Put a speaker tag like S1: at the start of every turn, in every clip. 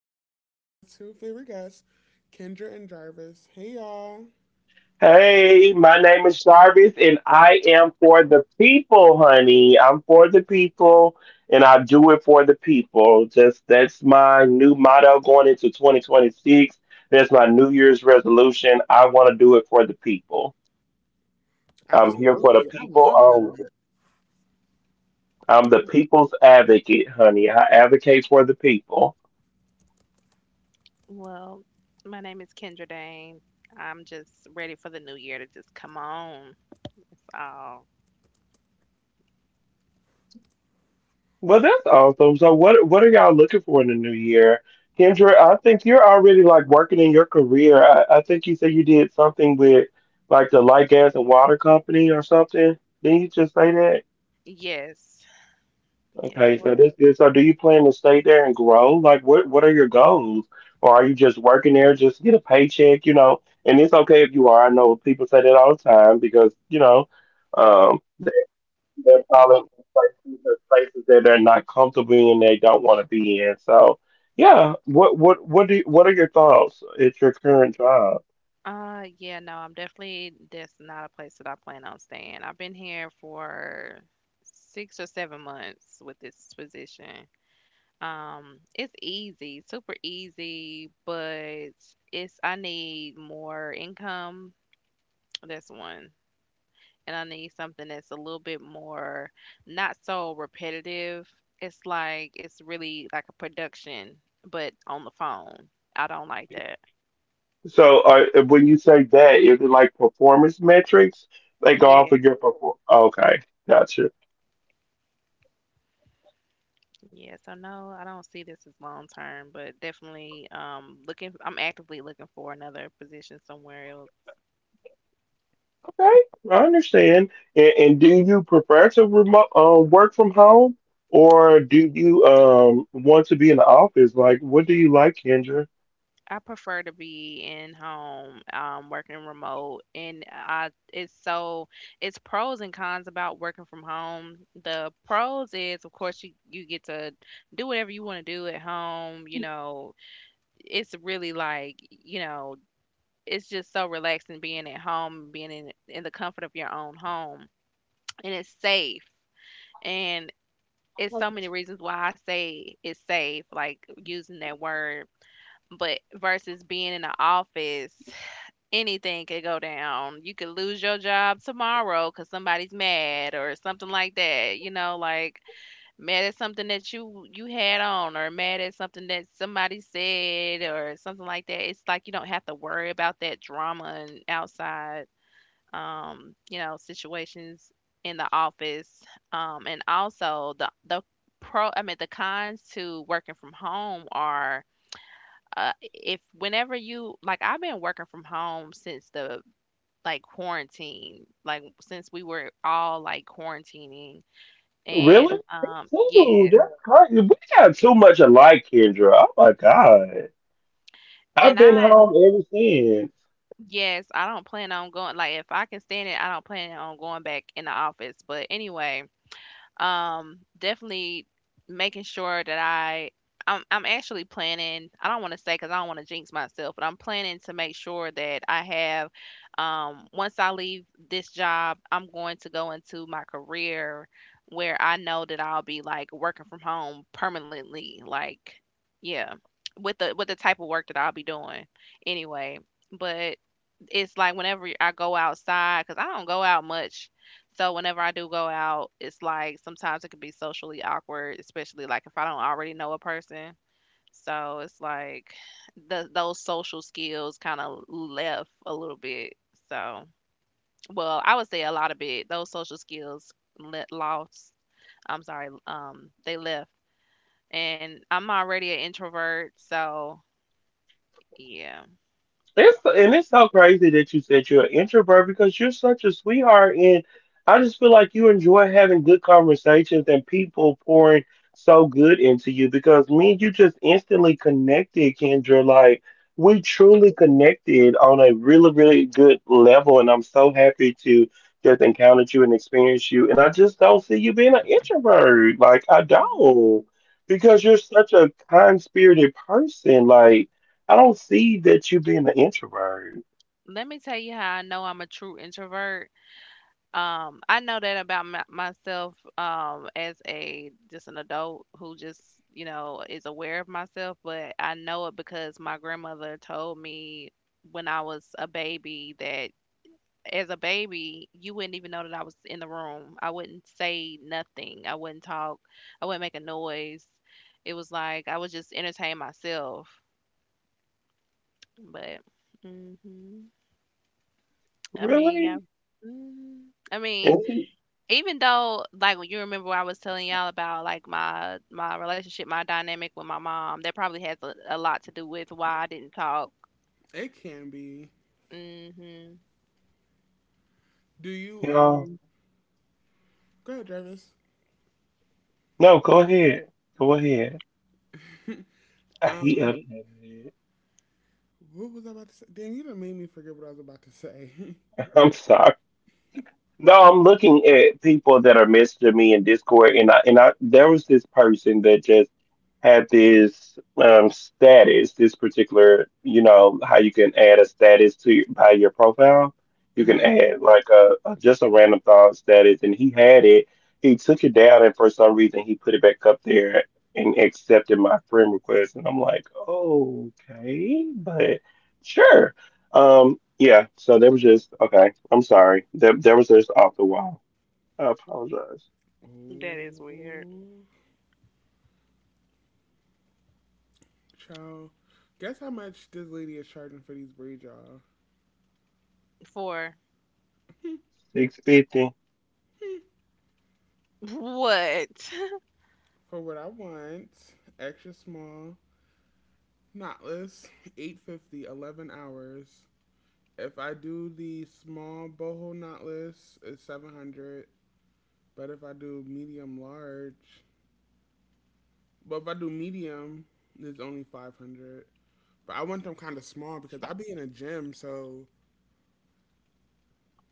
S1: here with my two favorite guests, Kendra and Jarvis. Hey y'all. Absolutely. I love that.
S2: Well, my name is Kendra Dane. I'm just ready for the new year to just come on. So, yes. Yeah, we're, yeah, no, I'm definitely, that's not a place that I plan on staying. I've been here for 6 or 7 months with this position. It's easy, super easy, but it's, I need more income. That's one. And I need something that's a little bit more, not so repetitive. It's like it's really like a production, but on the phone. I don't like that. Yeah. Yeah, so no, I don't see this as long term, but definitely looking, I'm actively looking for another position somewhere else. I prefer to be in home, working remote, and I it's so, it's pros and cons about working from home. The pros is, of course, you get to do whatever you want to do at home. You know, it's really like you know, It's just so relaxing being at home, being in the comfort of your own home, and it's safe. And it's so many reasons why I say it's safe, like using that word, but versus being in the office, anything could go down. You could lose your job tomorrow because somebody's mad or something like that. You know, like mad at something that you had on or mad at something that somebody said or something like that. It's like you don't have to worry about that drama and outside, you know, situations in the office. And also the pro, I mean, the cons to working from home are, if whenever you like, I've been working from home since the, like, quarantine, like since we were all like quarantining. And Yeah. And I yes, I don't plan on going, like if I can stand it, I don't plan on going back in the office. But anyway, definitely making sure that I'm actually planning. I don't want to say because I don't want to jinx myself, but I'm planning to make sure that I have. Once I leave this job, I'm going to go into my career where I know that I'll be like working from home permanently. Like, yeah, with the type of work that I'll be doing anyway. But it's like whenever I go outside, cause I don't go out much. So whenever I do go out, it's like sometimes it can be socially awkward, especially like if I don't already know a person. So it's like the, those social skills kind of left a little bit. So, well, I would say a lot of it. Those social skills lost. I'm sorry, they left. And I'm already an introvert, so yeah. Hmm. Let me tell you how I know I'm a true introvert. I know that about myself, as a, just an adult who just, you know, is aware of myself, but I know it because my grandmother told me when I was a baby that as a baby you wouldn't even know that I was in the room. I wouldn't say nothing. I wouldn't talk. I wouldn't make a noise. It was like I would just entertain myself. But, hmm, I mean, yeah. Mhm. I mean, even though, like when you remember what I was telling y'all about like my relationship, my dynamic with my mom, that probably has a lot to do with why I didn't talk.
S1: It can be.
S2: Mhm.
S1: Do you Go ahead, Jarvis. Um what was I about to say? Damn, you done made me forget what I was about to say. Mm-hmm.
S2: That is weird.
S1: Oh child. Guess how much this lady is charging for these braids, y'all?
S2: For what?
S1: For what I want, extra small, knotless, 850, 11 hours. If I do the small boho knotless, it's 700. But if I do medium large, but if I do medium, it's only 500. But I want them kind of small because I be in a gym, so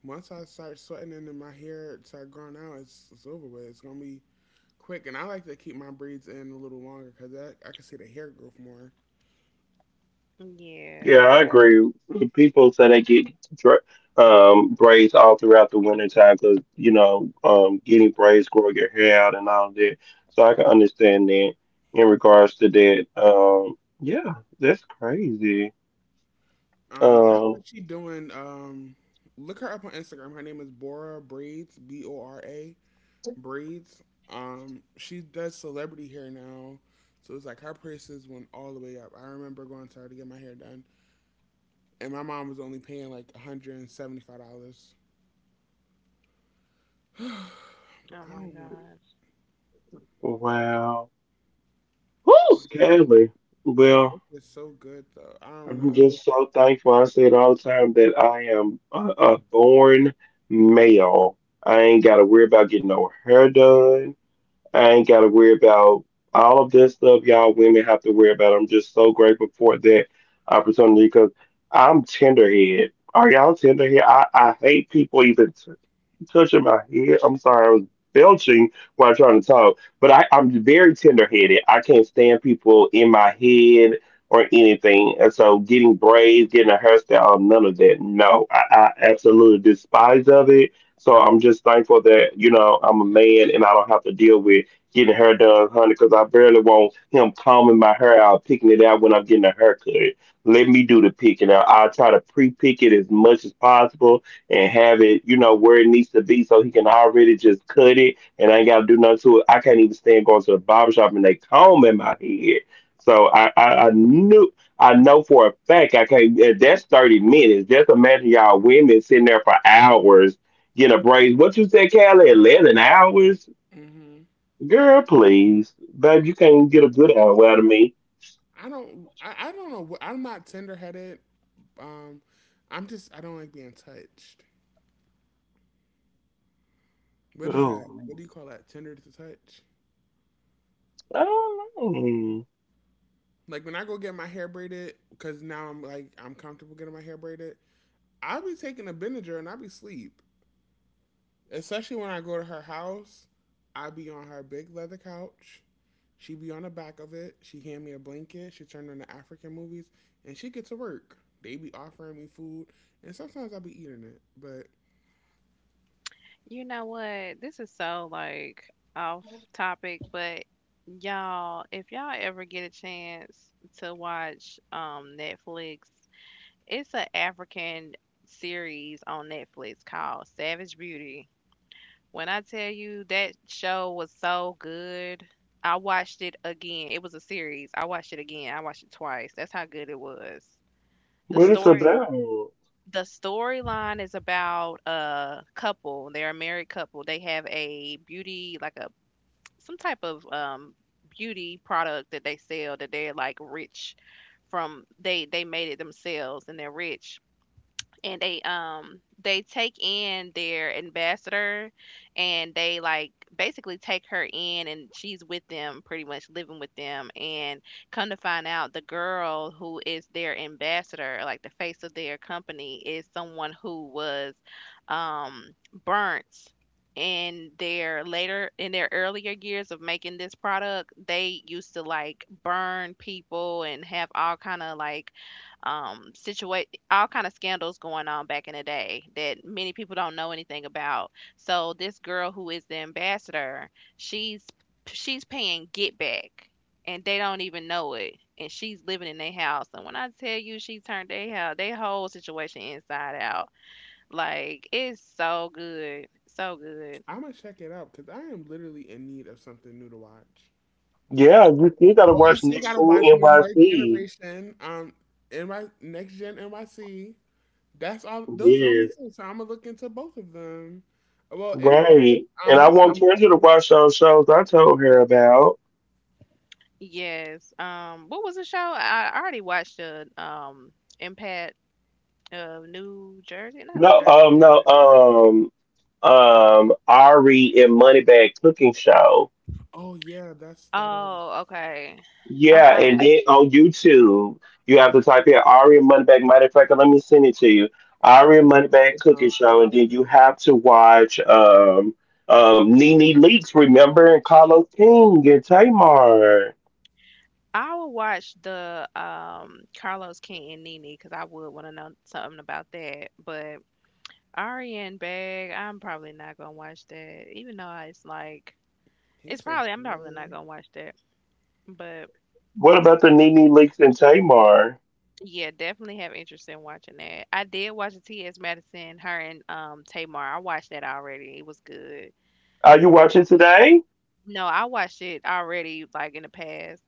S1: once I start sweating and then my hair start growing out, it's over with. It's gonna be quick, and I like to keep my braids in a little longer because I can see the hair growth more.
S2: Yeah.
S1: That's what she doing. Look her up on Instagram. Her name is Bora Braids, Bora braids. She does celebrity hair now, so it's like her prices went all the way up. I remember going to her to get my hair done, and my mom was only paying like $175. But
S2: Oh
S1: I
S2: my
S1: don't want.
S2: gosh.
S1: Her work is so good though. I don't know. hmm I don't. I don't know. I'm not tender headed. Um, I'm just. I don't like being touched. What is that? What do you call that? Tender to touch? Like when I go get my hair braided, because now I'm like I'm comfortable getting my hair braided. I be taking a Benadryl and I be sleep. Especially when I go to her house, I be on her big leather couch. She be on the back of it. She hand me a blanket. She turned on the African movies, and she get to work. They be offering me food, and sometimes I be eating it. But
S2: You know what? This is so like off topic, but y'all, if y'all ever get a chance to watch Netflix, it's an African series on Netflix called Savage Beauty. When I tell you that show was so good, I watched it again. It was a series. I watched it again. I watched it twice. That's how good it was. The
S1: it's
S2: story the storyline is about a couple. They're a married couple. They have a beauty, like a some type of beauty product that they sell, that they're like rich from, they made it themselves and they're rich, and they take in their ambassador, and they like basically take her in, and she's with them, pretty much living with them. And come to find out, the girl who is their ambassador, like the face of their company, is someone who was, um burnt in their later, in their earlier years of making this product, they used to like burn people and have all kind of like, um all kind of scandals going on back in the day that many people don't know anything about. So this girl who is the ambassador, she's she's paying get back, and they don't even know it. And she's living in their house. And when I tell you, she turned their house, their whole situation inside out. Like, it's so good. So good.
S1: I'm gonna check it out because I am literally in need of something new to watch. Oh, I still gotta watch New York Generation. NY Next Gen NYC. That's all. Those are the only two. So I'm gonna look into both of them. Well, and. What's his?
S2: Yes. What was the show? I already watched the Impact of New Jersey. Not New Jersey, New York.
S1: Oh yeah, that's that. I was
S2: Oh, okay. I'm probably,
S1: thinking of the Don.
S2: I will watch the Carlos King and Nene because I would want to know something about that. But Ariane Bag, I'm probably not gonna watch that. Even though it's like, it's
S1: He's so
S2: probably, I'm probably not
S1: fun.
S2: gonna watch that. But yeah, definitely have interest in watching that. I did watch the T.S. Madison, her and Tamar. I watched that already. It was good. No, I watched it already like in the past.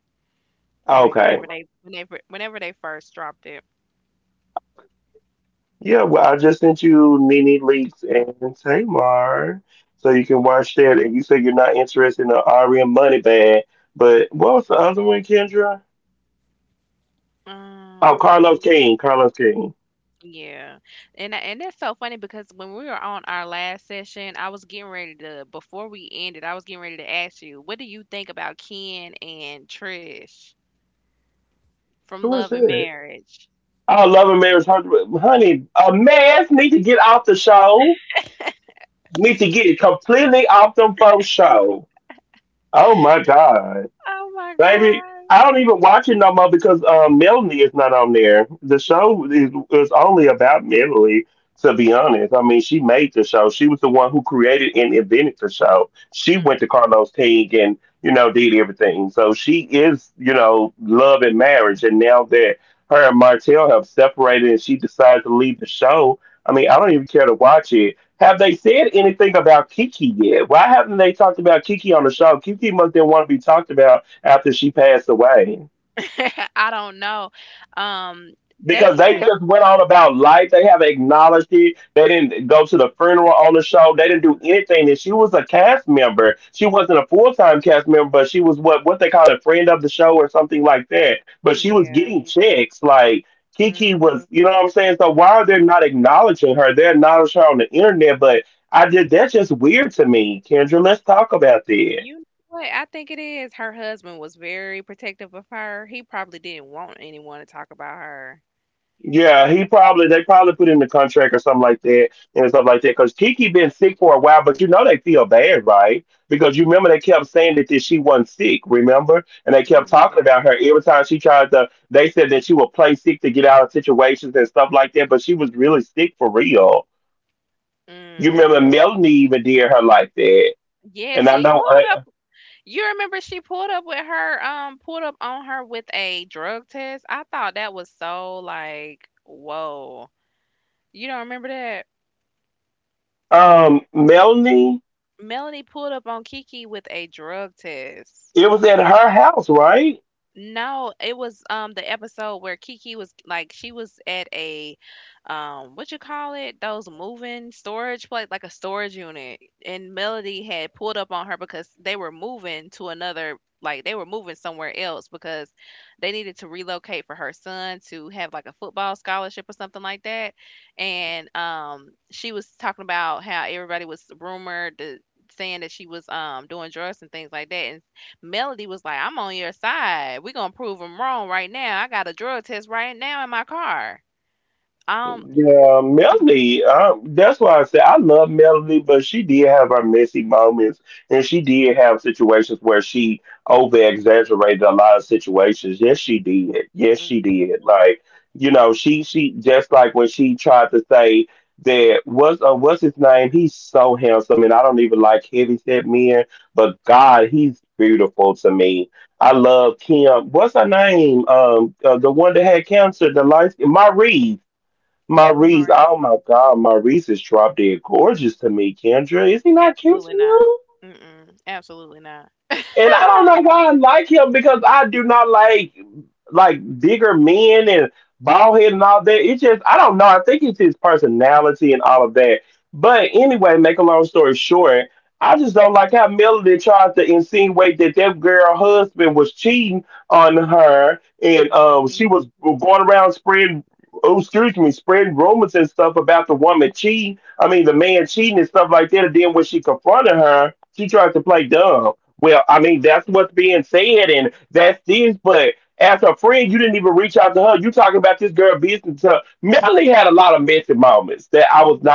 S2: Like whenever they whenever they first dropped it. Um Yeah. And that's so funny because when we were on our last session, I was getting ready to, before we ended, I was getting ready to ask you, what do you think about Ken and Trish from Love and Marriage? Oh my gosh. Mhm. I don't know. Um, they had, mhm, yeah. Hmm. You know what? I think it is. Her husband was very protective of her. He probably didn't want anyone to talk about her. Yeah. Mm. Yeah, she pulled up. You remember she pulled up with her, pulled up on her with a drug test. I thought that was so like, whoa. You don't remember that? Melanie pulled up on Kiki with a drug test. No, it was the episode where Kiki was like, she was at a, what you call it? Those moving storage place, like a storage unit. And Melody had pulled up on her because they were moving to another, like they were moving somewhere else because they needed to relocate for her son to have like a football scholarship or something like that. And she was talking about how everybody was rumored to saying that she was doing drugs and things like that and. Melody was like, "I'm on your side. We're gonna prove them wrong right now. I got a drug test right now in my car." Um, mm, Maurice, absolutely not. Mm-mm, absolutely not. Mhm, mhm.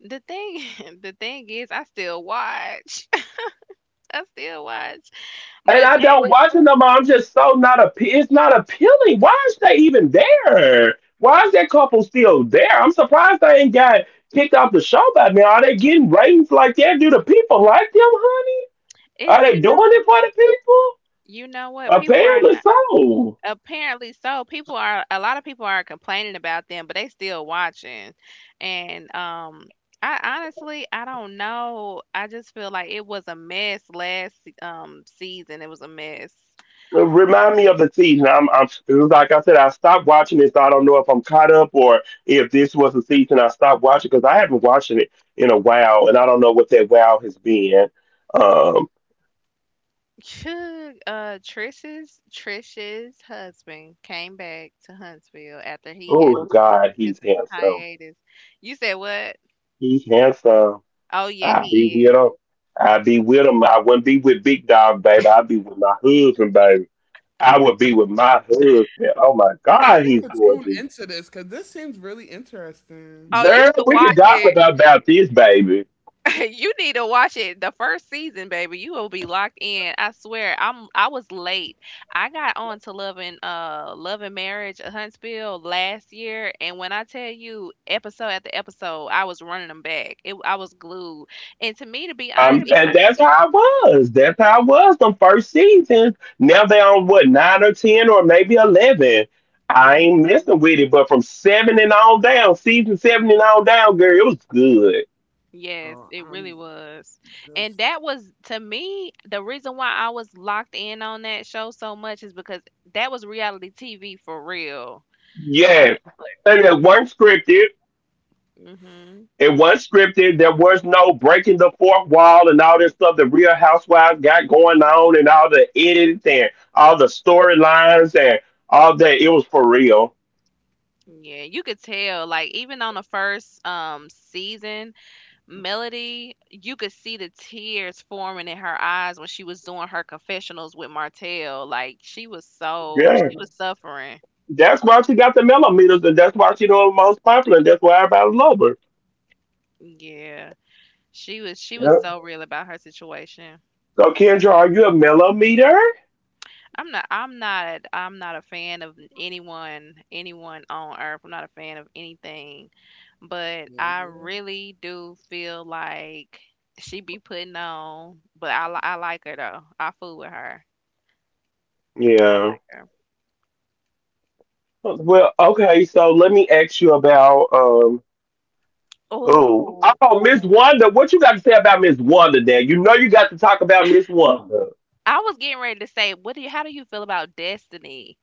S2: The thing, the thing is, I still watch. I still watch, but that it's, you know what, people are not. Apparently so. People are, a lot of people are complaining about them, but they still watching. And I honestly, I don't know. I just feel like it was a mess last season. It was a mess. Trish's husband came back to Huntsville after he had took his hiatus. You said what? Oh yeah, he is.
S1: I gotta tune into this because this seems really interesting.
S2: Oh, you should watch it. You need to watch it the first season, baby. You will be locked in. I swear. I was late. I got on to loving loving marriage, Huntsville last year, and when I tell you, episode after episode, I was running them back. It I was glued. And to me, to be honest, even, mhm, yes,
S1: Oh,
S2: it really
S1: I'm
S2: was. And
S1: just
S2: that was, to me, the reason why I was locked in on that show so much is because that was reality TV for real. Like. Hmm. Yeah, you could tell, like even on the first season, Melody, you could see the tears forming in her eyes when she was doing her confessionals with Martell. Like she was so, she was suffering. Yeah. She was so real about her situation. I'm not a fan of anyone on earth. I'm not a fan of anything. But I
S1: here.
S2: really do feel like she be putting on, but I like her though. I fool with her. I like her. Oh, I was getting ready to say, what do you, how do you feel about Destiny?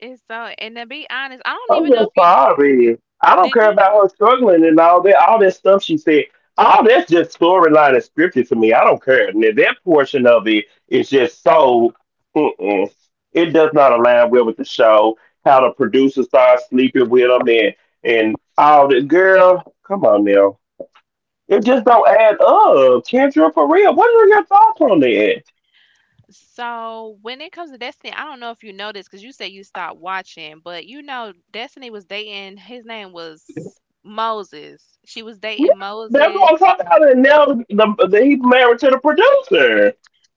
S2: It's so, and to be honest, I don't even know if you did you so when it comes to Destiny, I don't know if you know this because you say you stopped watching, but you know Destiny was dating, his name was Moses. She was dating Moses.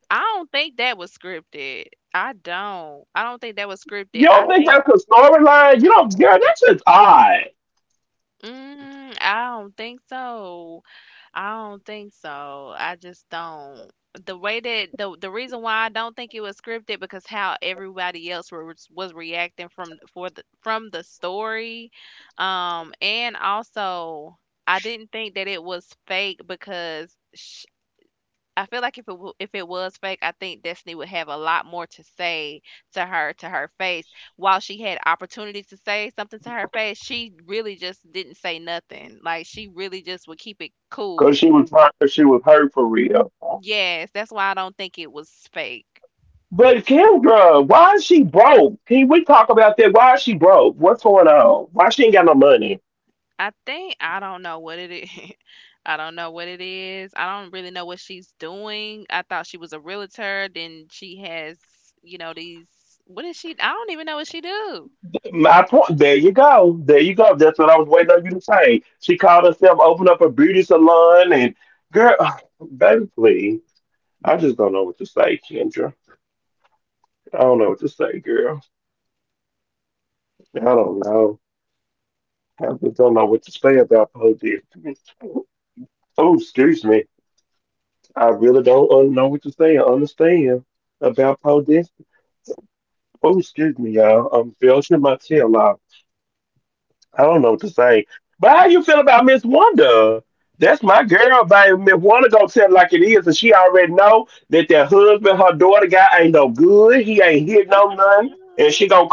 S2: I don't think that was scripted. I don't. I don't think that was scripted. I think. I don't think so. I don't think so. I just don't. The way that the reason why I don't think it was scripted, because how everybody else was reacting from the story, and also I didn't think that it was fake because sh I feel like if it was fake, I think Destiny would have a lot more to say to her, to her face. While she had opportunities to say something to her face, she really just didn't say nothing. Like she really just would keep it cool. Yes, that's why I don't think it was fake. I don't know what it is. I don't know what it is. I don't really know what she's doing. I thought she was a realtor. Then she has, these. What is she? I don't even know what she do. Mhm.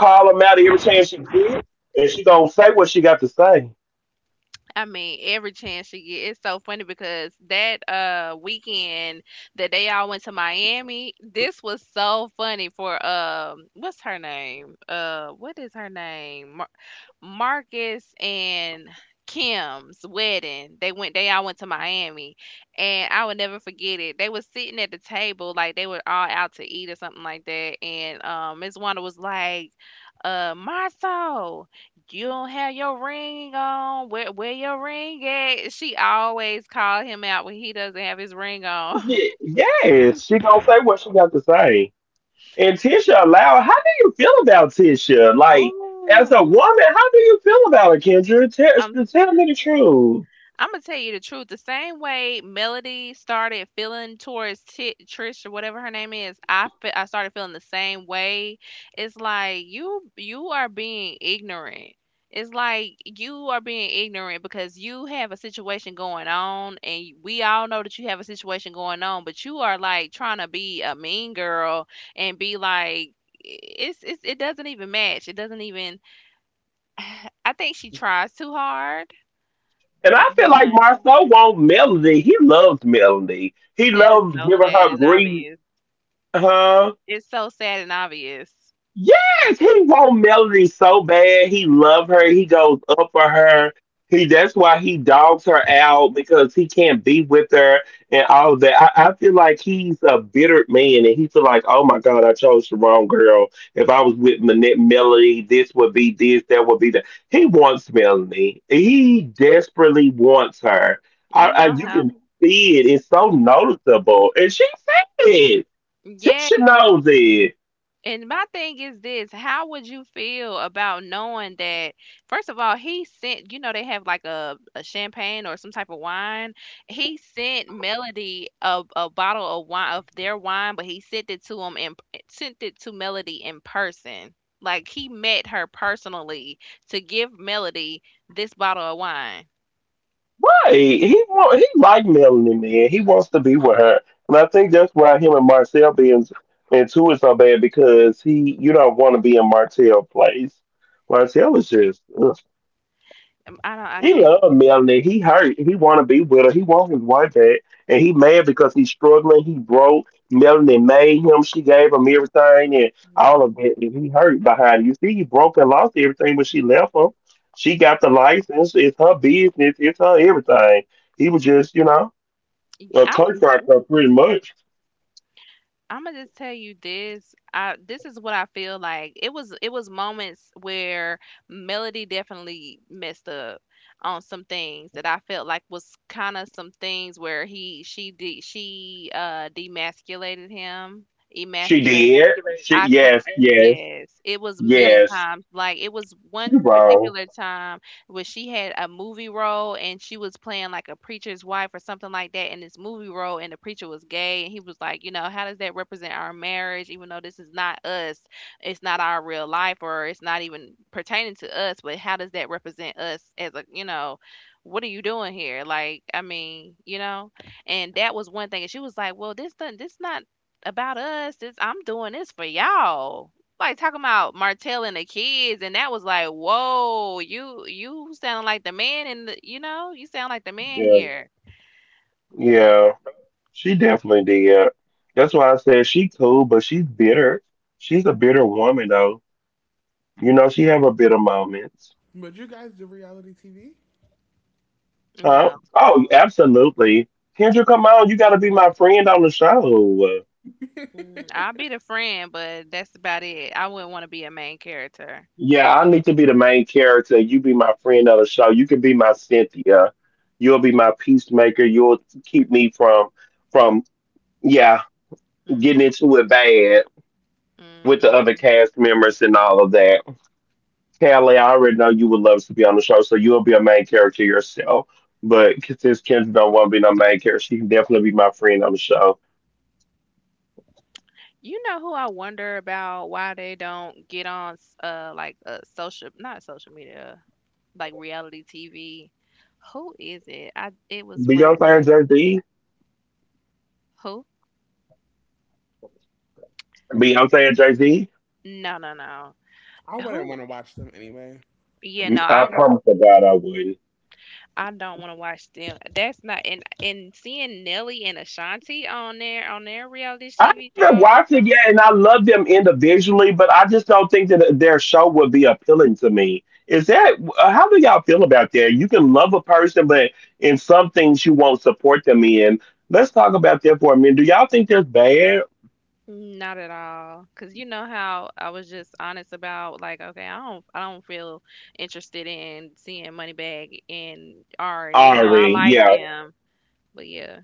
S2: I mean, every chance she get. It's so funny because that weekend that they all went to Miami, this was so funny for what's her name? What is her name? Marcus and Kim's wedding. They all went to Miami, and I will never forget it. They was sitting at the table like they were all out to eat or something like that, and Miss Wanda was like, Martha, you don't have your ring on. Where your ring at?" She always called him out when he doesn't have his ring on. Ooh. I'm. I'm gonna tell you the truth. The same way Melody started feeling towards Ti Trish or whatever her name is, I started feeling the same way. It's like you are being ignorant. It's like you are being ignorant because you have a situation going on, and we all know that you have a situation going on, but you are like trying to be a mean girl and be like, it's it doesn't even match. It doesn't even. I think she tries too hard. One. That is so sad and obvious. It's so sad and obvious. You know how, yeah. And my thing is this: how would you feel about knowing that, first of all, he sent, you know, they have like a champagne or some type of wine. He sent Melody a bottle of wine, of their wine, but he sent it to him and sent it to Melody in person. Like he met her personally to give Melody this bottle of wine. I can't. Mhm. I I'm gonna just tell you this. I this is what I feel like. It was, it was moments where Melody definitely messed up on some things that I felt like was kind of some things where he she did, she demasculated him, emasculated him. I could, yes, it was many times. Like it was one particular time where she had a movie role and she was playing like a preacher's wife or something like that in this movie role, and the preacher was gay and he was like, you know, how does that represent our marriage, even though this is not us? It's not our real life, or it's not even pertaining to us, but how does that represent us as a, you know, what are you doing here? Like, I mean, you know, and that was one thing. And she was like, well, this not about us. This I'm doing this for y'all. Like, talking about Martell and the kids, and that was like, "Whoa, you sound like the man and the," you know, "You sound like the man here." But,
S1: But you guys do reality TV?
S2: no. I'll be the friend, but that's about it. I wouldn't wanna be a main character. Mhm. Mhm. You know who I wonder about, why they don't get on s like, social, not social media, like, reality TV? Who is it? I it was right. Who? No, no, no.
S1: I wouldn't
S2: Who?
S1: want to watch them anyway.
S2: Yeah, no, I w mm. I don't want to watch them. That's not, and seeing Nelly and Ashanti on there on their reality TV show, not at all. Cause you know how I was just honest about, like, okay, I don't feel interested in seeing Moneybag and Ari, even though I like them. But yeah,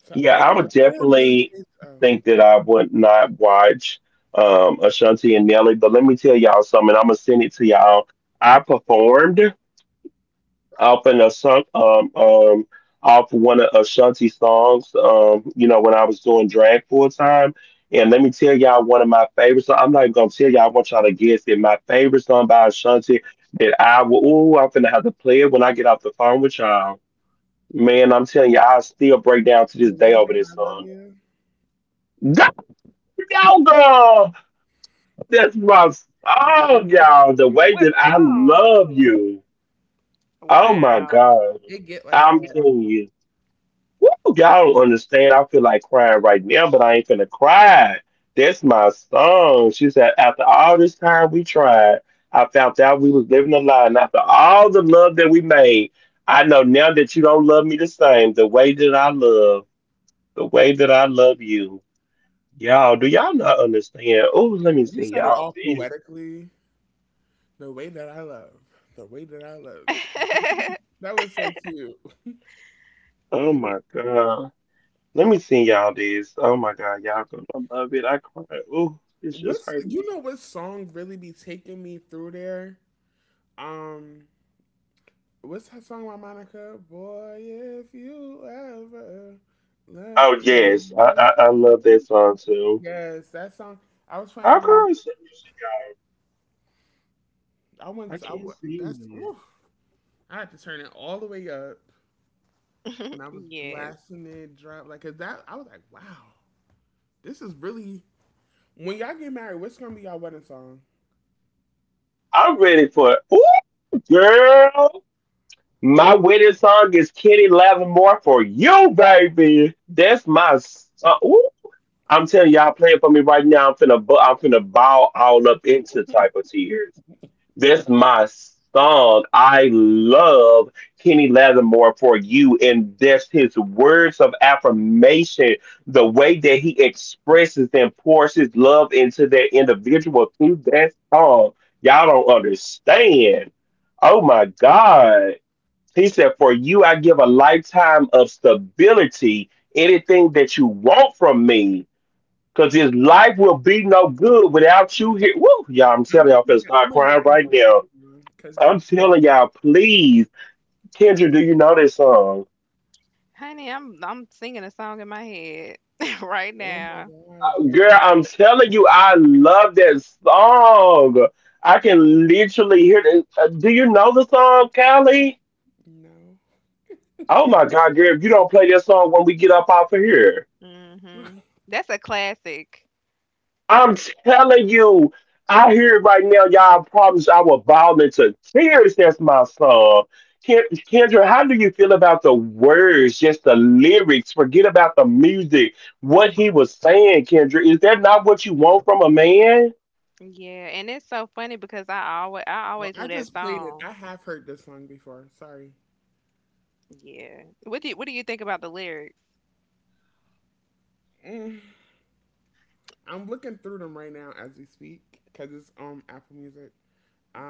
S1: So I didn't really think of the way that I love you. It, it, get like-
S2: what song? Wow.
S1: it get like that. You said it all poetically. The way that I love. The way that I love you. That was so cute.
S2: Ye-
S1: What's You know what song really be taking me through there? Um, what's that song by Monica? Boy, if you ever left me. Yes, that song. I was trying to. I went. To, that's. Woof, I had to turn it all the way up, and I was
S2: yes,
S1: blasting it, drop like 'cause that. I was like, wow, this is really. When y'all get married, what's gonna be y'all wedding song? I'm gonna pick that. I'm gonna listen to that song because.
S2: honey, I'm singing a song in my head right
S1: Oh my
S2: now.
S1: god, no.
S2: Mhm. That's a classic. Yeah, and it's so funny because I
S1: Well,
S2: always
S1: I
S2: knew that
S1: just played it.
S2: song.
S1: I have heard this song before. Sorry.
S2: Yeah. What do you think about the lyrics?
S1: Mm. I'm looking through them right now as we speak because it's on Apple Music.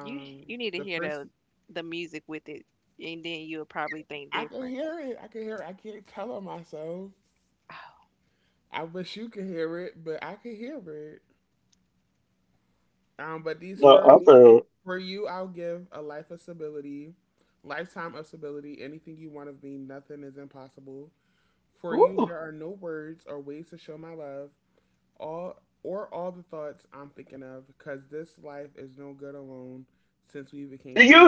S2: You you need to
S1: the
S2: hear
S1: first
S2: the music with it, and then you'll probably think
S1: I can
S2: different.
S1: hear it. I can hear. It. I can't tell it myself. I wish you could hear it, but I can hear it. But these first for you, I'll give a life of stability, lifetime of stability. Anything you want of me, nothing is impossible. For you, there are no words or ways to show my love. All or all the thoughts I'm thinking of, because this life is no good alone since we became one.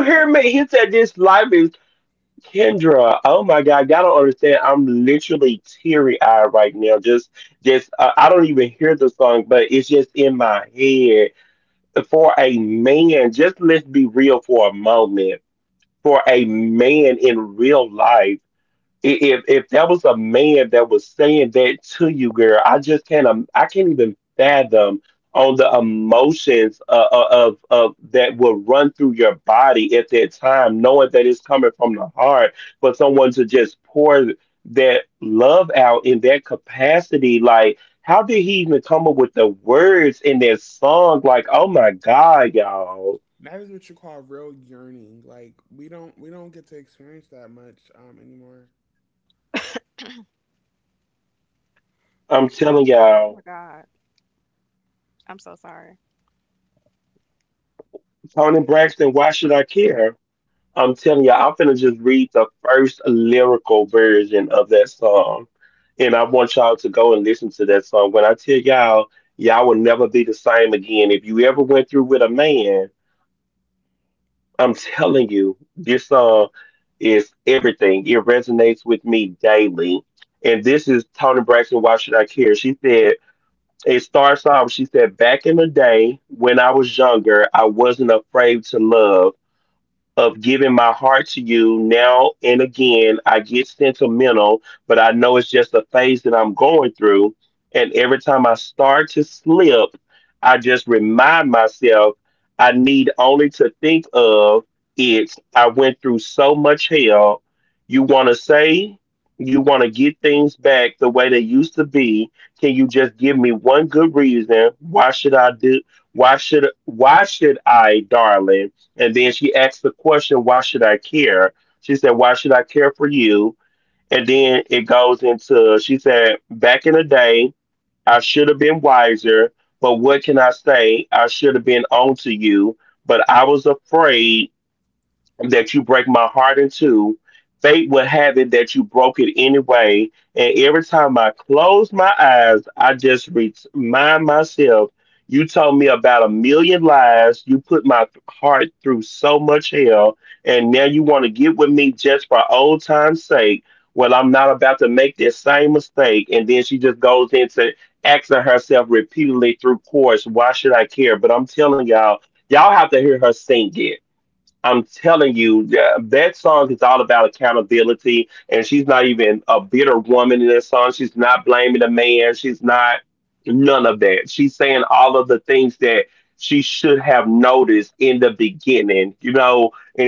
S1: That is what you call real yearning. Like we don't get to experience that much anymore.
S2: Oh, oh my God, I'm so sorry.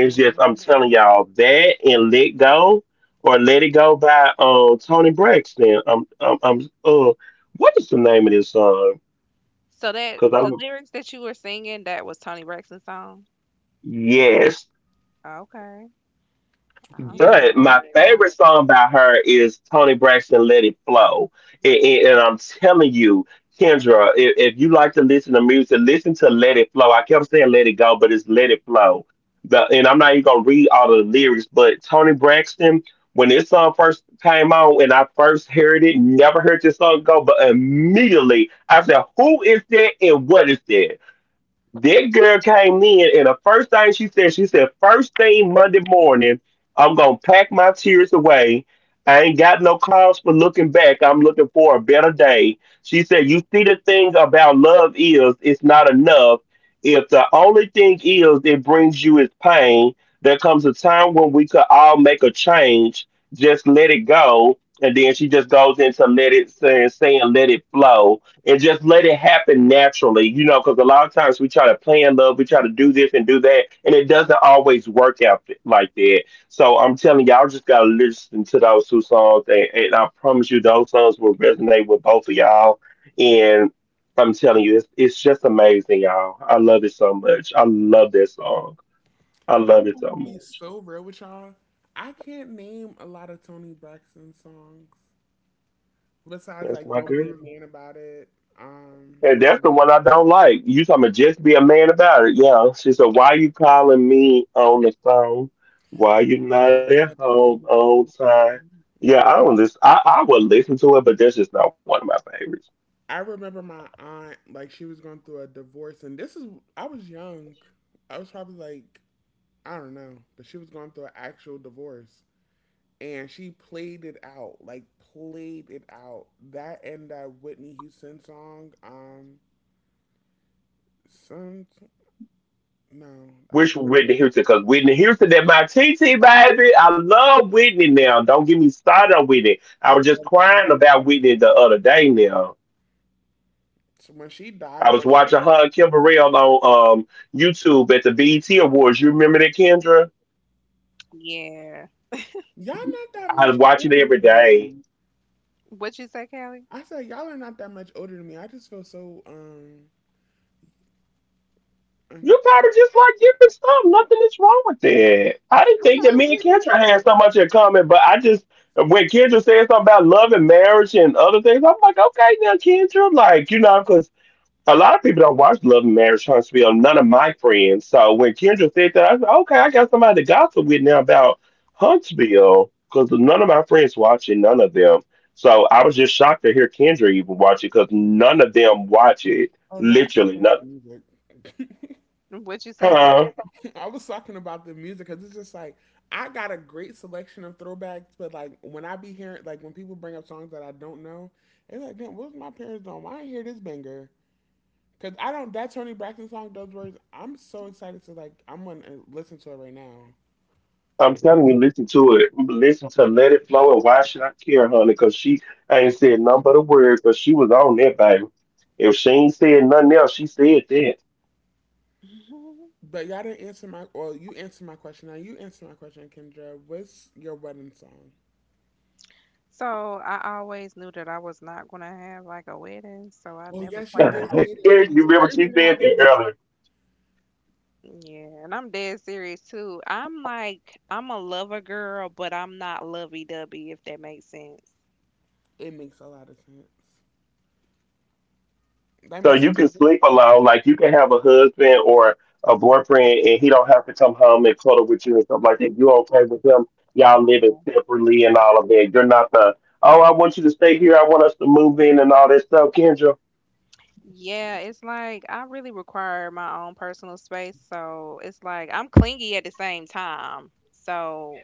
S2: Hmm. So that the lyrics that you were singing, that was Tony Braxton's song. Okay, I'm
S1: You,
S2: here
S1: I'm
S2: for
S1: not
S2: it.
S1: gonna lie. I'm gonna be so real with y'all. I can't name a lot of Tony Braxton songs besides like "Don't Be a Man About It." Um, I remember my aunt, like, she was going through a divorce, and I was young. I was probably like, I don't know, but she was going through an actual divorce. And she played it out, like, played it out. That and that Whitney Houston song, some, no, I love this song. So when she died, Jordan,
S2: Yeah.
S1: y'all not that much older than me.
S2: What you say, Callie?
S1: I said, y'all are not that much older than me. I just feel so, un-
S2: All right.
S1: oh no, I was talking about the music.
S2: What you say, Callie?
S1: I was talking about the music because it's just like I got a great selection of throwbacks, but like when I be hearing, like when people bring up songs that I don't know, it's like, damn, what was my parents doing? Why I did hear this banger? Because I don't. That Tony Braxton song, those words, I'm so excited to like, I'm going to listen to it right now. But y'all didn't answer my, well, you answered my question. Now you answer my question, Kendra. What's your wedding song?
S2: So I always knew that I was not gonna have like a wedding, so I
S1: Well,
S2: never
S1: yes, you did
S2: planned.
S1: say that. You just, are you going to have a list?
S2: Yeah, and I'm dead serious too. I'm like, I'm a lover girl, but I'm not lovey-dovey if that makes sense.
S1: It makes a lot of sense. That makes a,
S2: Yeah. Yeah, it's like I really require my own personal space, so it's like I'm clingy at the same time. So,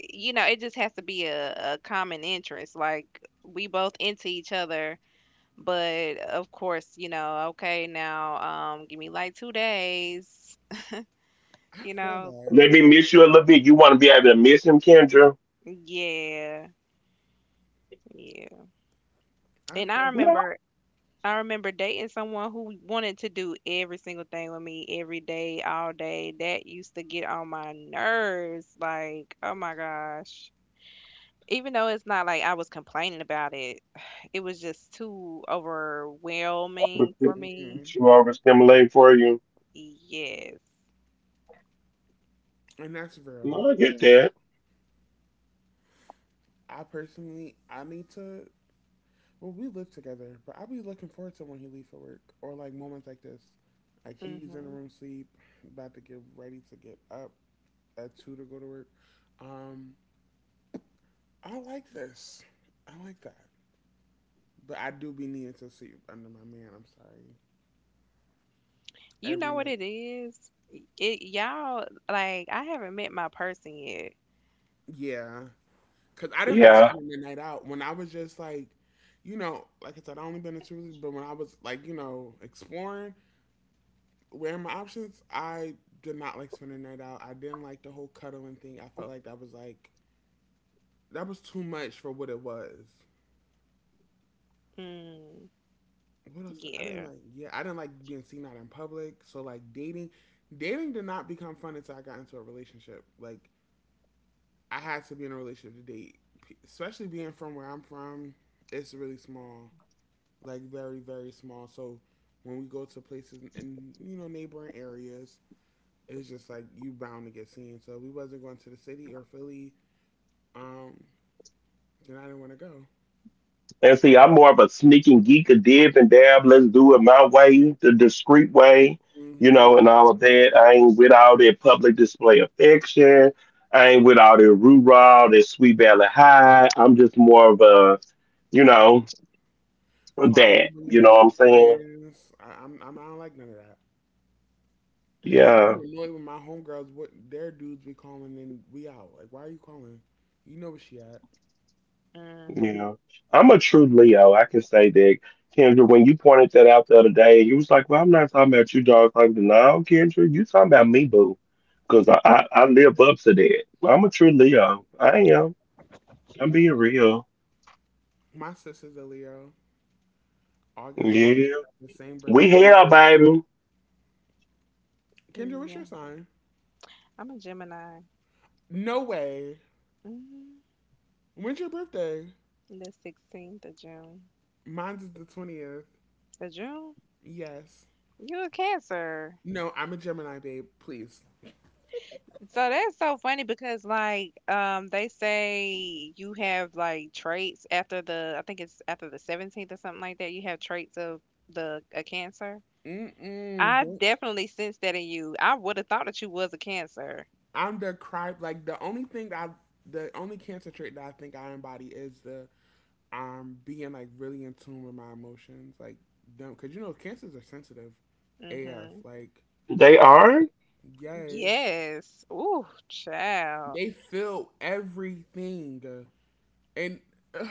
S2: you know, it just has to be a common interest. Like we both into each other. But of course, you know, okay, now give me like two days,
S1: I
S2: you
S1: feel
S2: know.
S1: that.
S2: Yeah. Yeah.
S1: I
S2: And I
S1: feel that.
S2: remember, I remember dating someone who wanted to do every single thing with me every day, all day. That used to get on my nerves. Like, oh my gosh. Even though it's not like I was complaining about it, it was just too overwhelming for me.
S1: Mhm.
S2: Yes.
S1: And that's real. I personally, I need to. Well, we live together, but I'll be looking forward to when he leaves for work or like moments like this. Like he's in the
S2: Hmm.
S1: room sleep, about to get ready to get up at two to go to work. Um, I like this. I like that. But I do be needing to sleep under my man. I'm sorry.
S2: You
S1: Every
S2: know what
S1: night.
S2: it is? It y'all like I haven't met my person yet.
S1: Yeah. Cause I didn't like spending the night out when I was just like, you know, like I said, I only been to two, but when I was like, you know, exploring, where my options, I did not like spending the night out. I didn't like the whole cuddling thing. I felt like that was too much for what it was.
S2: Mm,
S1: What else? I didn't
S2: yeah.
S1: like. Yeah, I didn't like being seen out in public. So like dating, dating did not become fun until I got into a relationship. Like I had to be in a relationship to date, especially being from where I'm from. It's really small, like very very small. So when we go to places and you know neighboring areas, it's just like you bound to get seen. So we wasn't going to the city or Philly. Um, then I didn't want to go. hmm Call me when you with your friends. I don't like none of that. I be annoyed when my homegirls, what their dudes be calling and we out. Like, why are you calling? You know where she at.
S2: Mm,
S1: My sister's a Leo. August 4th. She got the same birthday. Kendra, what's
S2: yeah.
S1: your sign?
S2: I'm a Gemini.
S1: No way.
S2: Mm,
S1: When's your birthday?
S2: the 16th of June.
S1: Mine's is the 20th.
S2: The June?
S1: Yes.
S2: You a Cancer.
S1: No, I'm a Gemini, babe. Please.
S2: So that's so funny because like they say you have like traits after the, I think it's after the 17th or something like that. You have traits of the a Cancer.
S1: Mm-mm.
S2: I
S1: Don't
S2: definitely sense that in you. I would have thought that you was a Cancer.
S1: I'm the cry like the only cancer trait that I think I embody is the being like really in tune with my emotions, like them because you know cancers are sensitive, AF.
S2: Hmm.
S1: Like yes,
S2: Yes. Ooh, child.
S1: they feel everything, and uh,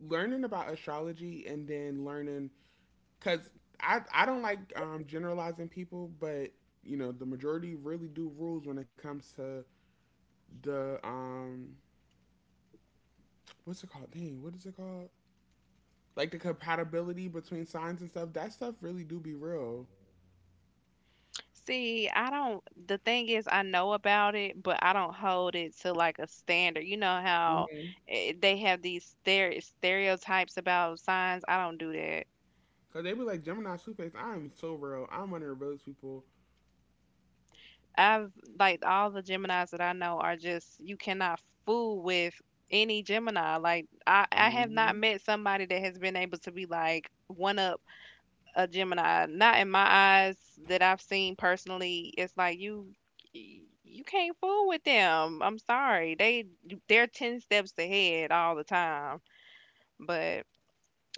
S1: learning about astrology and then learning because I don't like generalizing people, but you know the majority really do rules when it comes to the what's it called? Dang, what is it called? Like the compatibility between signs and stuff, that stuff really do be real.
S2: See, I don't, the thing is, I know about it, but I don't hold it to like a standard. You know how,
S1: Mm-hmm.
S2: eh, they have these stereotypes about signs? I don't do that.
S1: Cause they be like Gemini, Two Face. I am so real. I'm one of the realest people.
S2: I've, like, all the Geminis that I know are just, you cannot fool with any Gemini. Like, I have
S1: Mm-hmm.
S2: not met somebody that has been able to be like, one up a Gemini, not in my eyes that I've seen personally. It's like you can't fool with them. I'm sorry. They're 10 steps ahead all the time. But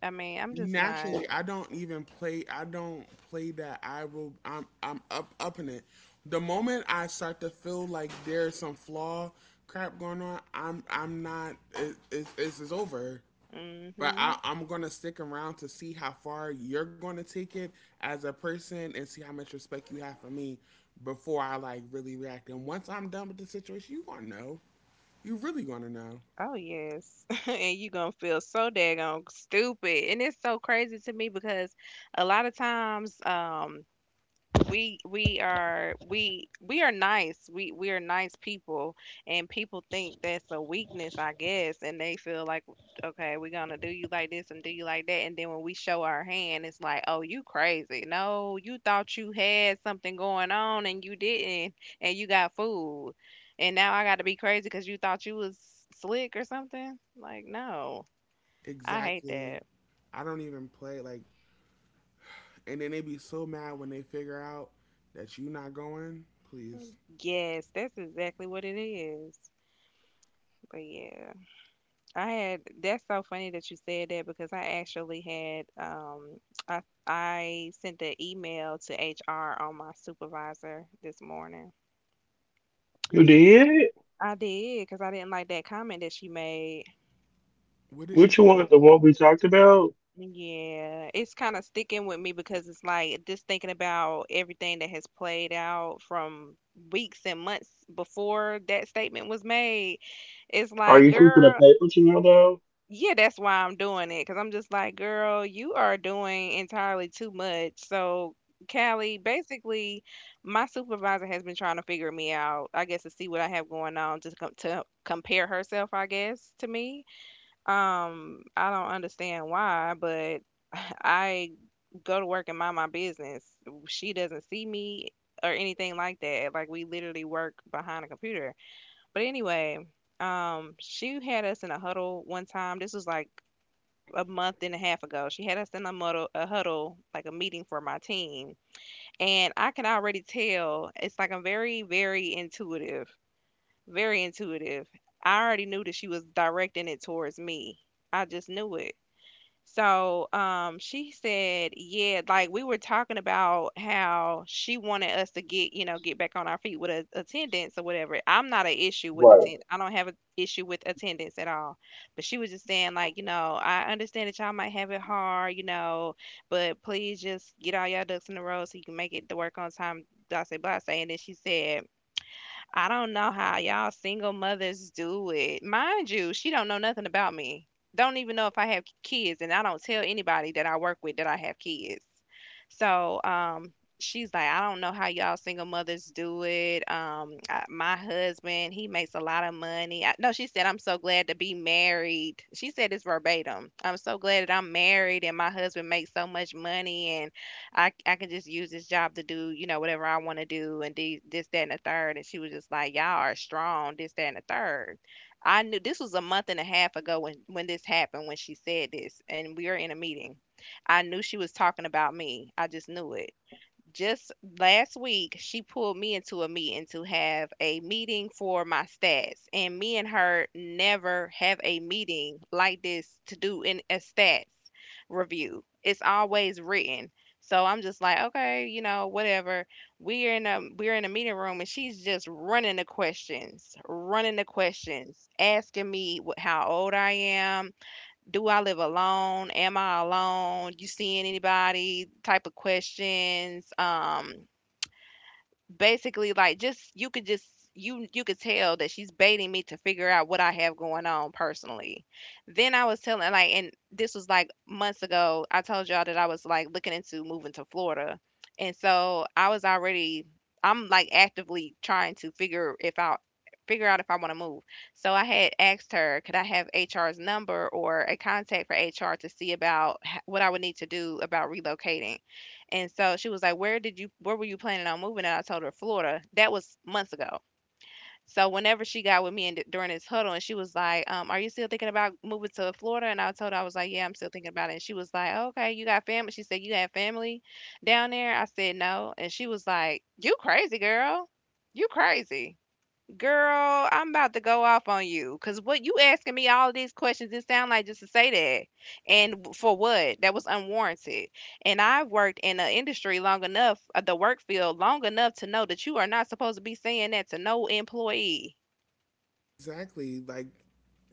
S2: I mean, I'm just not.
S1: Naturally, I don't even play. I don't play that. I will. I'm up up in it. The moment I start to feel like there's some flaw crap going on, I'm not. It's over. But I,
S2: Mhm.
S1: I'm gonna stick around to see how far you're gonna take it as a person and see how much respect you have for me before I like really react. And once I'm done with the situation, you gonna know. You really gonna know.
S2: Oh yes. And you going to feel so daggone stupid. And it's so crazy to me because a lot of times we are nice. We are nice people, and people think that's a weakness, I guess, and they feel like, okay, we're gonna do you like this and do you like that, and then when we show our hand, it's like, oh, you crazy. No, you thought you had something going on and you didn't, and you got fooled, and now I got to be crazy because you thought you was slick or something. Like, no, I hate
S1: Exactly.
S2: that.
S1: I don't even play like, and then they be so mad when they figure out that you not going.
S2: Mm,
S1: Please.
S2: Yes, that's exactly what it is. But yeah. I had that's so funny that you said that because I actually had I I sent the email to HR on my supervisor this morning. I did because I didn't like that comment that she made.
S1: What did she say?
S2: Yeah, it's kind of sticking with me because it's like just thinking about everything that has played out from weeks and months before that statement was made. It's like, girl, yeah, that's why I'm doing it. Because 'cause I'm just like, "Girl, you are doing entirely too much." So, Callie, basically, my supervisor has been trying to figure me out, I guess, to see what I have going on, just com to compare herself, I guess, to me. I don't understand why, but I go to work and mind my business. She doesn't see me or anything like that. Like, we literally work behind a computer. But anyway, she had us in a huddle one time. This was like a month and a half ago. She had us in a huddle, like a meeting for my team, and I can already tell, it's like I'm very intuitive, very intuitive. I already knew that she was directing it towards me. I just knew it so, she said, yeah, like we were talking about how she wanted us to get, you know, get back on our feet with attendance or whatever. I'm not an issue with attendance. I don't have an issue with attendance at all. But she was just saying, like, you know, I understand that y'all might have it hard, you know, but please just get all y'all ducks in a row so you can make it to work on time, blah, say, blah, say. And then she said, I don't know how y'all single mothers do it. Mind you, she don't know nothing about me. Don't even know if I have kids, and I don't tell anybody that I work with that I have kids. So, she's like, I don't know how y'all single mothers do it. My husband, he makes a lot of money. No, she said, I'm so glad to be married. She said it's verbatim. I'm so glad that I'm married and my husband makes so much money. I can just use this job to do, you know, whatever I want to do and this, that, and the third. And she was just like, y'all are strong, this, that, and the third. I knew this was a month and a half ago when this happened, when she said this, and we were in a meeting. I knew she was talking about me. I just knew it just last week. She pulled me into a meeting to have a meeting for my stats, and me and her never have a meeting like this to do in a stats review. It's always written, so I'm just like, okay, you know, whatever. We're in a meeting room, and she's just running the questions, asking me what, how old I am. Do I live alone? Am I alone? You seeing anybody? Type of questions. Basically, like, just you could just you could tell that she's baiting me to figure out what I have going on personally. Then I was telling, like, and this was like months ago, I told y'all that I was like looking into moving to Florida. And so I was already, I'm like actively trying to figure if I figure out if I want to move. So I had asked her, could I have HR's number or a contact for HR to see about what I would need to do about relocating. And so she was like, "Where did you where were you planning on moving?" And I told her Florida. That was months ago. So whenever she got with me and during this huddle, and she was like, "Are you still thinking about moving to Florida?" And I told her, I was like, "Yeah, I'm still thinking about it." And she was like, "Okay, you got family?" She said, "You have family down there?" I said, "No." And she was like, "You crazy, girl. You crazy." Girl, I'm about to go off on you, because what you asking me all these questions, it sound like just to say that. And for what? That was unwarranted. And I've worked in the industry long enough, the work field long enough to know that you are not supposed to be saying that to no employee.
S1: Exactly, like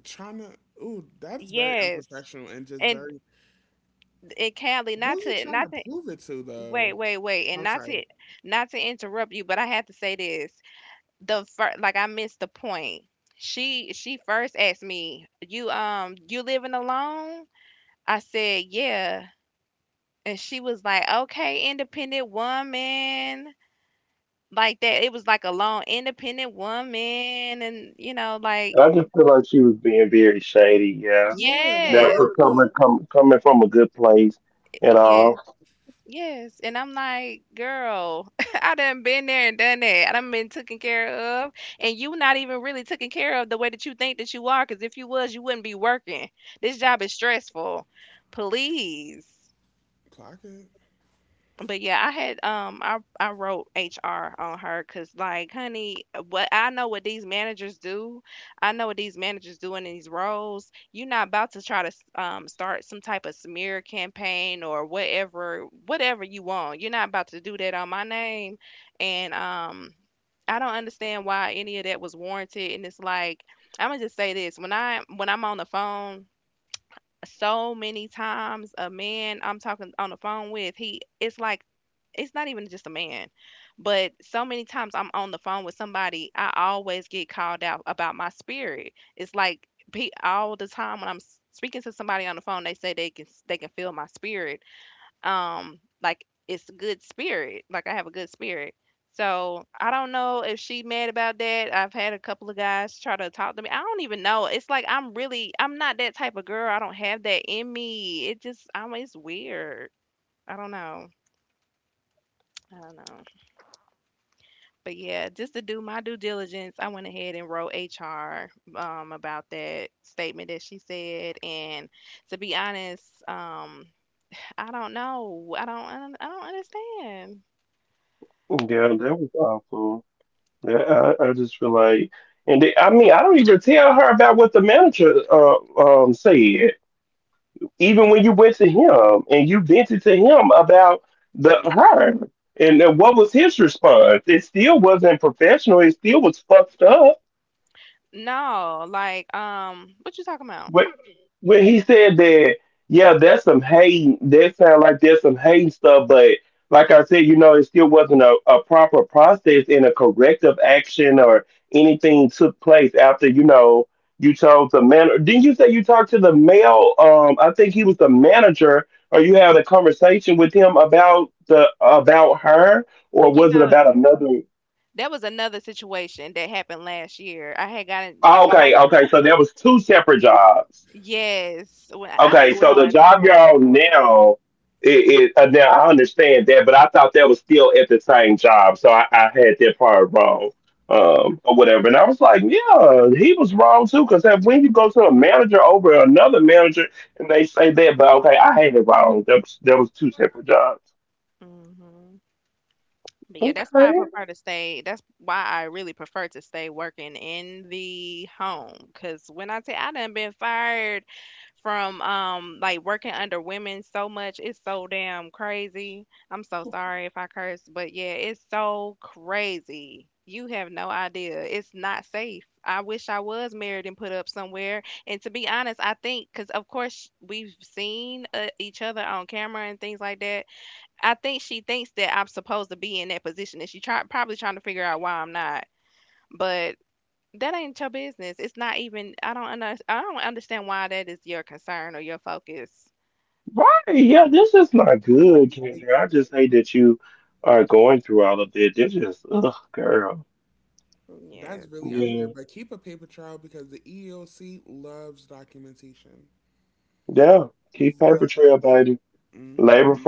S1: trying to. Ooh, that's very
S2: Yes.
S1: unprofessional and just
S2: And
S1: very.
S2: and Callie,
S1: Who
S2: not
S1: are you
S2: to
S1: trying to
S2: not to
S1: prove it to though?
S2: wait, wait, wait, and
S1: I'm
S2: not
S1: sorry.
S2: to not to interrupt you, but I have to say this. Like, I missed the point. She first asked me, "You you living alone?" I said, "Yeah." And she was like, "Okay, independent woman." Like that. It was like a long independent woman, and you know, like,
S1: Yeah, like
S2: yes,
S1: we can't
S2: yes. Yes, and I'm like, girl, I done been there and done that. I done been taken care of, and you not even really taken care of the way that you think that you are. Because if you was, you wouldn't be working. This job is stressful. Please.
S1: clock it.
S2: But yeah, I had I wrote HR on her because, like, honey, what I know what these managers do, I know what these managers do in these roles. You're not about to try to start some type of smear campaign or whatever you want. You're not about to do that on my name, and I don't understand why any of that was warranted. And it's like I'm gonna just say this. When I when I'm on the phone, so many times a man I'm talking on the phone with, he it's like it's not even just a man, but so many times I'm on the phone with somebody, I always get called out about my spirit. It's like all the time when I'm speaking to somebody on the phone, they say they can they can feel my spirit, like it's a good spirit, like I have a good spirit. So I don't know if she mad about that. I've had a couple of guys try to talk to me. I don't even know. It's like I'm really, I'm not that type of girl. I don't have that in me. It just I'm it's weird. I don't know. I don't know. But yeah, just to do my due diligence, I went ahead and wrote HR, about that statement that she said. And to be honest, I don't know. I don't understand. No, like, what you talking about? You know, that was another situation that happened last year. I had gotten, like, yes, when I be going through it. Hmm. But yeah, that's why I prefer to stay. That's why I really prefer to stay working in the home. Cause when I say I done been fired from, like, working under women so much, it's so damn crazy. I'm so sorry if I curse, but yeah, it's so crazy. You have no idea. It's not safe. I wish I was married and put up somewhere. And to be honest, I think because of course we've seen each other on camera and things like that, I think she thinks that I'm supposed to be in that position, and she try probably trying to figure out why I'm not. But that ain't your business. It's not even. I don't understand why that is your concern or your focus.
S1: I know, like
S2: Yeah.
S1: that's really unfair, but keep a paper trail because the EEOC loves documentation. Love. hmm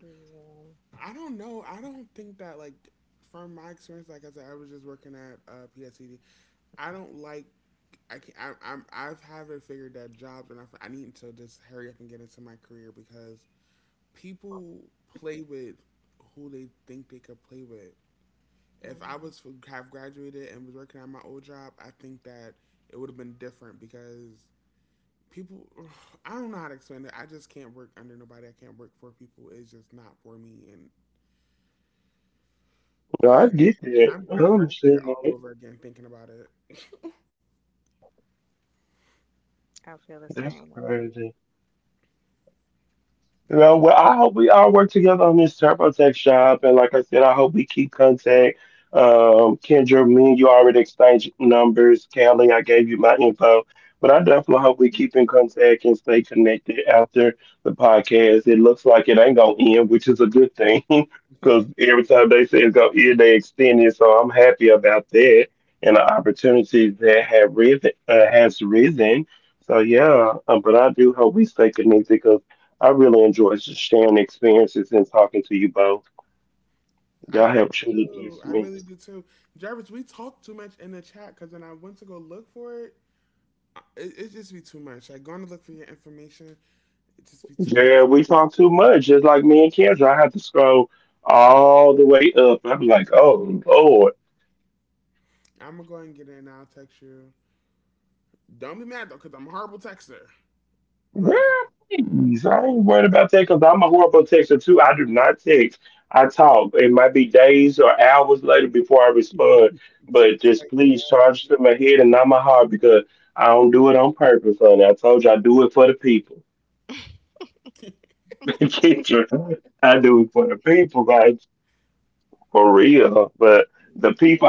S2: Yeah.
S1: I don't know. I don't think that like from my experience, like I said, I was just working at PSCD. I don't like. I can't. I've haven't figured that jobs and I need to just hurry up and get into my career because people play with who they think they could play with if I
S2: Mhm.
S1: was have graduated and was working at my old job, I think that it would have been different because people. I don't know how to explain it. I just can't work under nobody. I can't work for people. It's just not for me and I'm getting frustrated all over again thinking about it.
S2: I feel the same way.
S1: Like people. I do too. I really do too. Jarvis, we talk too much in the chat because when I went to go look for it, it just be too much. Like going to look for your information, it just be too much. I'm gonna go and get it and I'll text you. Don't be mad though, because I'm a horrible texter. But so it's like, yeah,
S2: You do.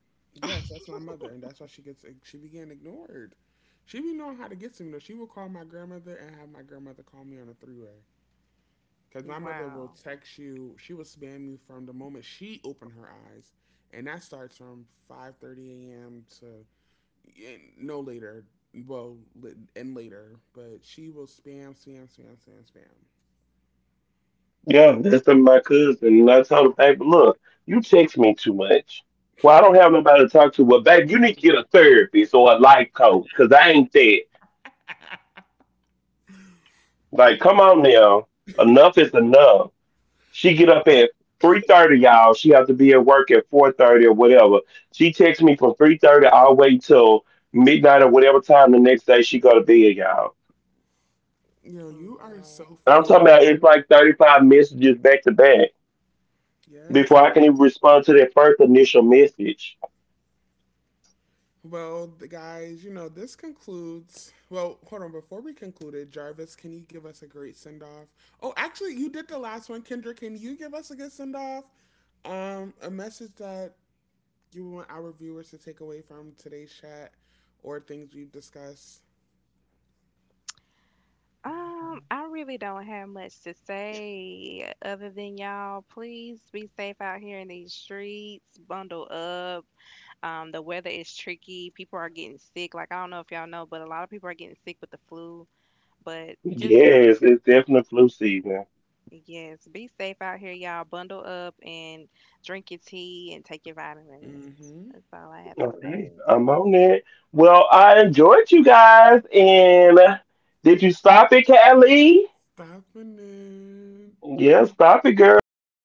S1: yes, that's my mother, and that's why she be getting ignored. She be knowing how to get to me though. She will call my grandmother and have my grandmother call me on a three way. Cause my mother will
S2: Wow.
S1: text you. She will spam you from the moment she opened her eyes, and that starts from 5:30 a.m. to no later. Well, and later, but she will spam, spam, spam, spam, spam. You know, you are so
S2: Lord.
S1: funny. Yes. Well, the guys, this concludes. Well, hold on. Before we concluded, Jarvis, can you give us a great send off? Oh, actually, you did the last one, Kendra. Can you give us a good send off? A message that you want our viewers to take away from today's chat or things we've discussed.
S2: I really don't have much to say other than y'all, please be safe out here in these streets. Bundle up. The weather is tricky. People are getting sick. Like, I don't know if y'all know, but a lot of people are getting sick with the flu. But just, yes, be safe out here, y'all. Bundle up and drink your tea and take your vitamins.
S1: Mm-hmm.
S2: That's all I have to say.
S1: Stopping it.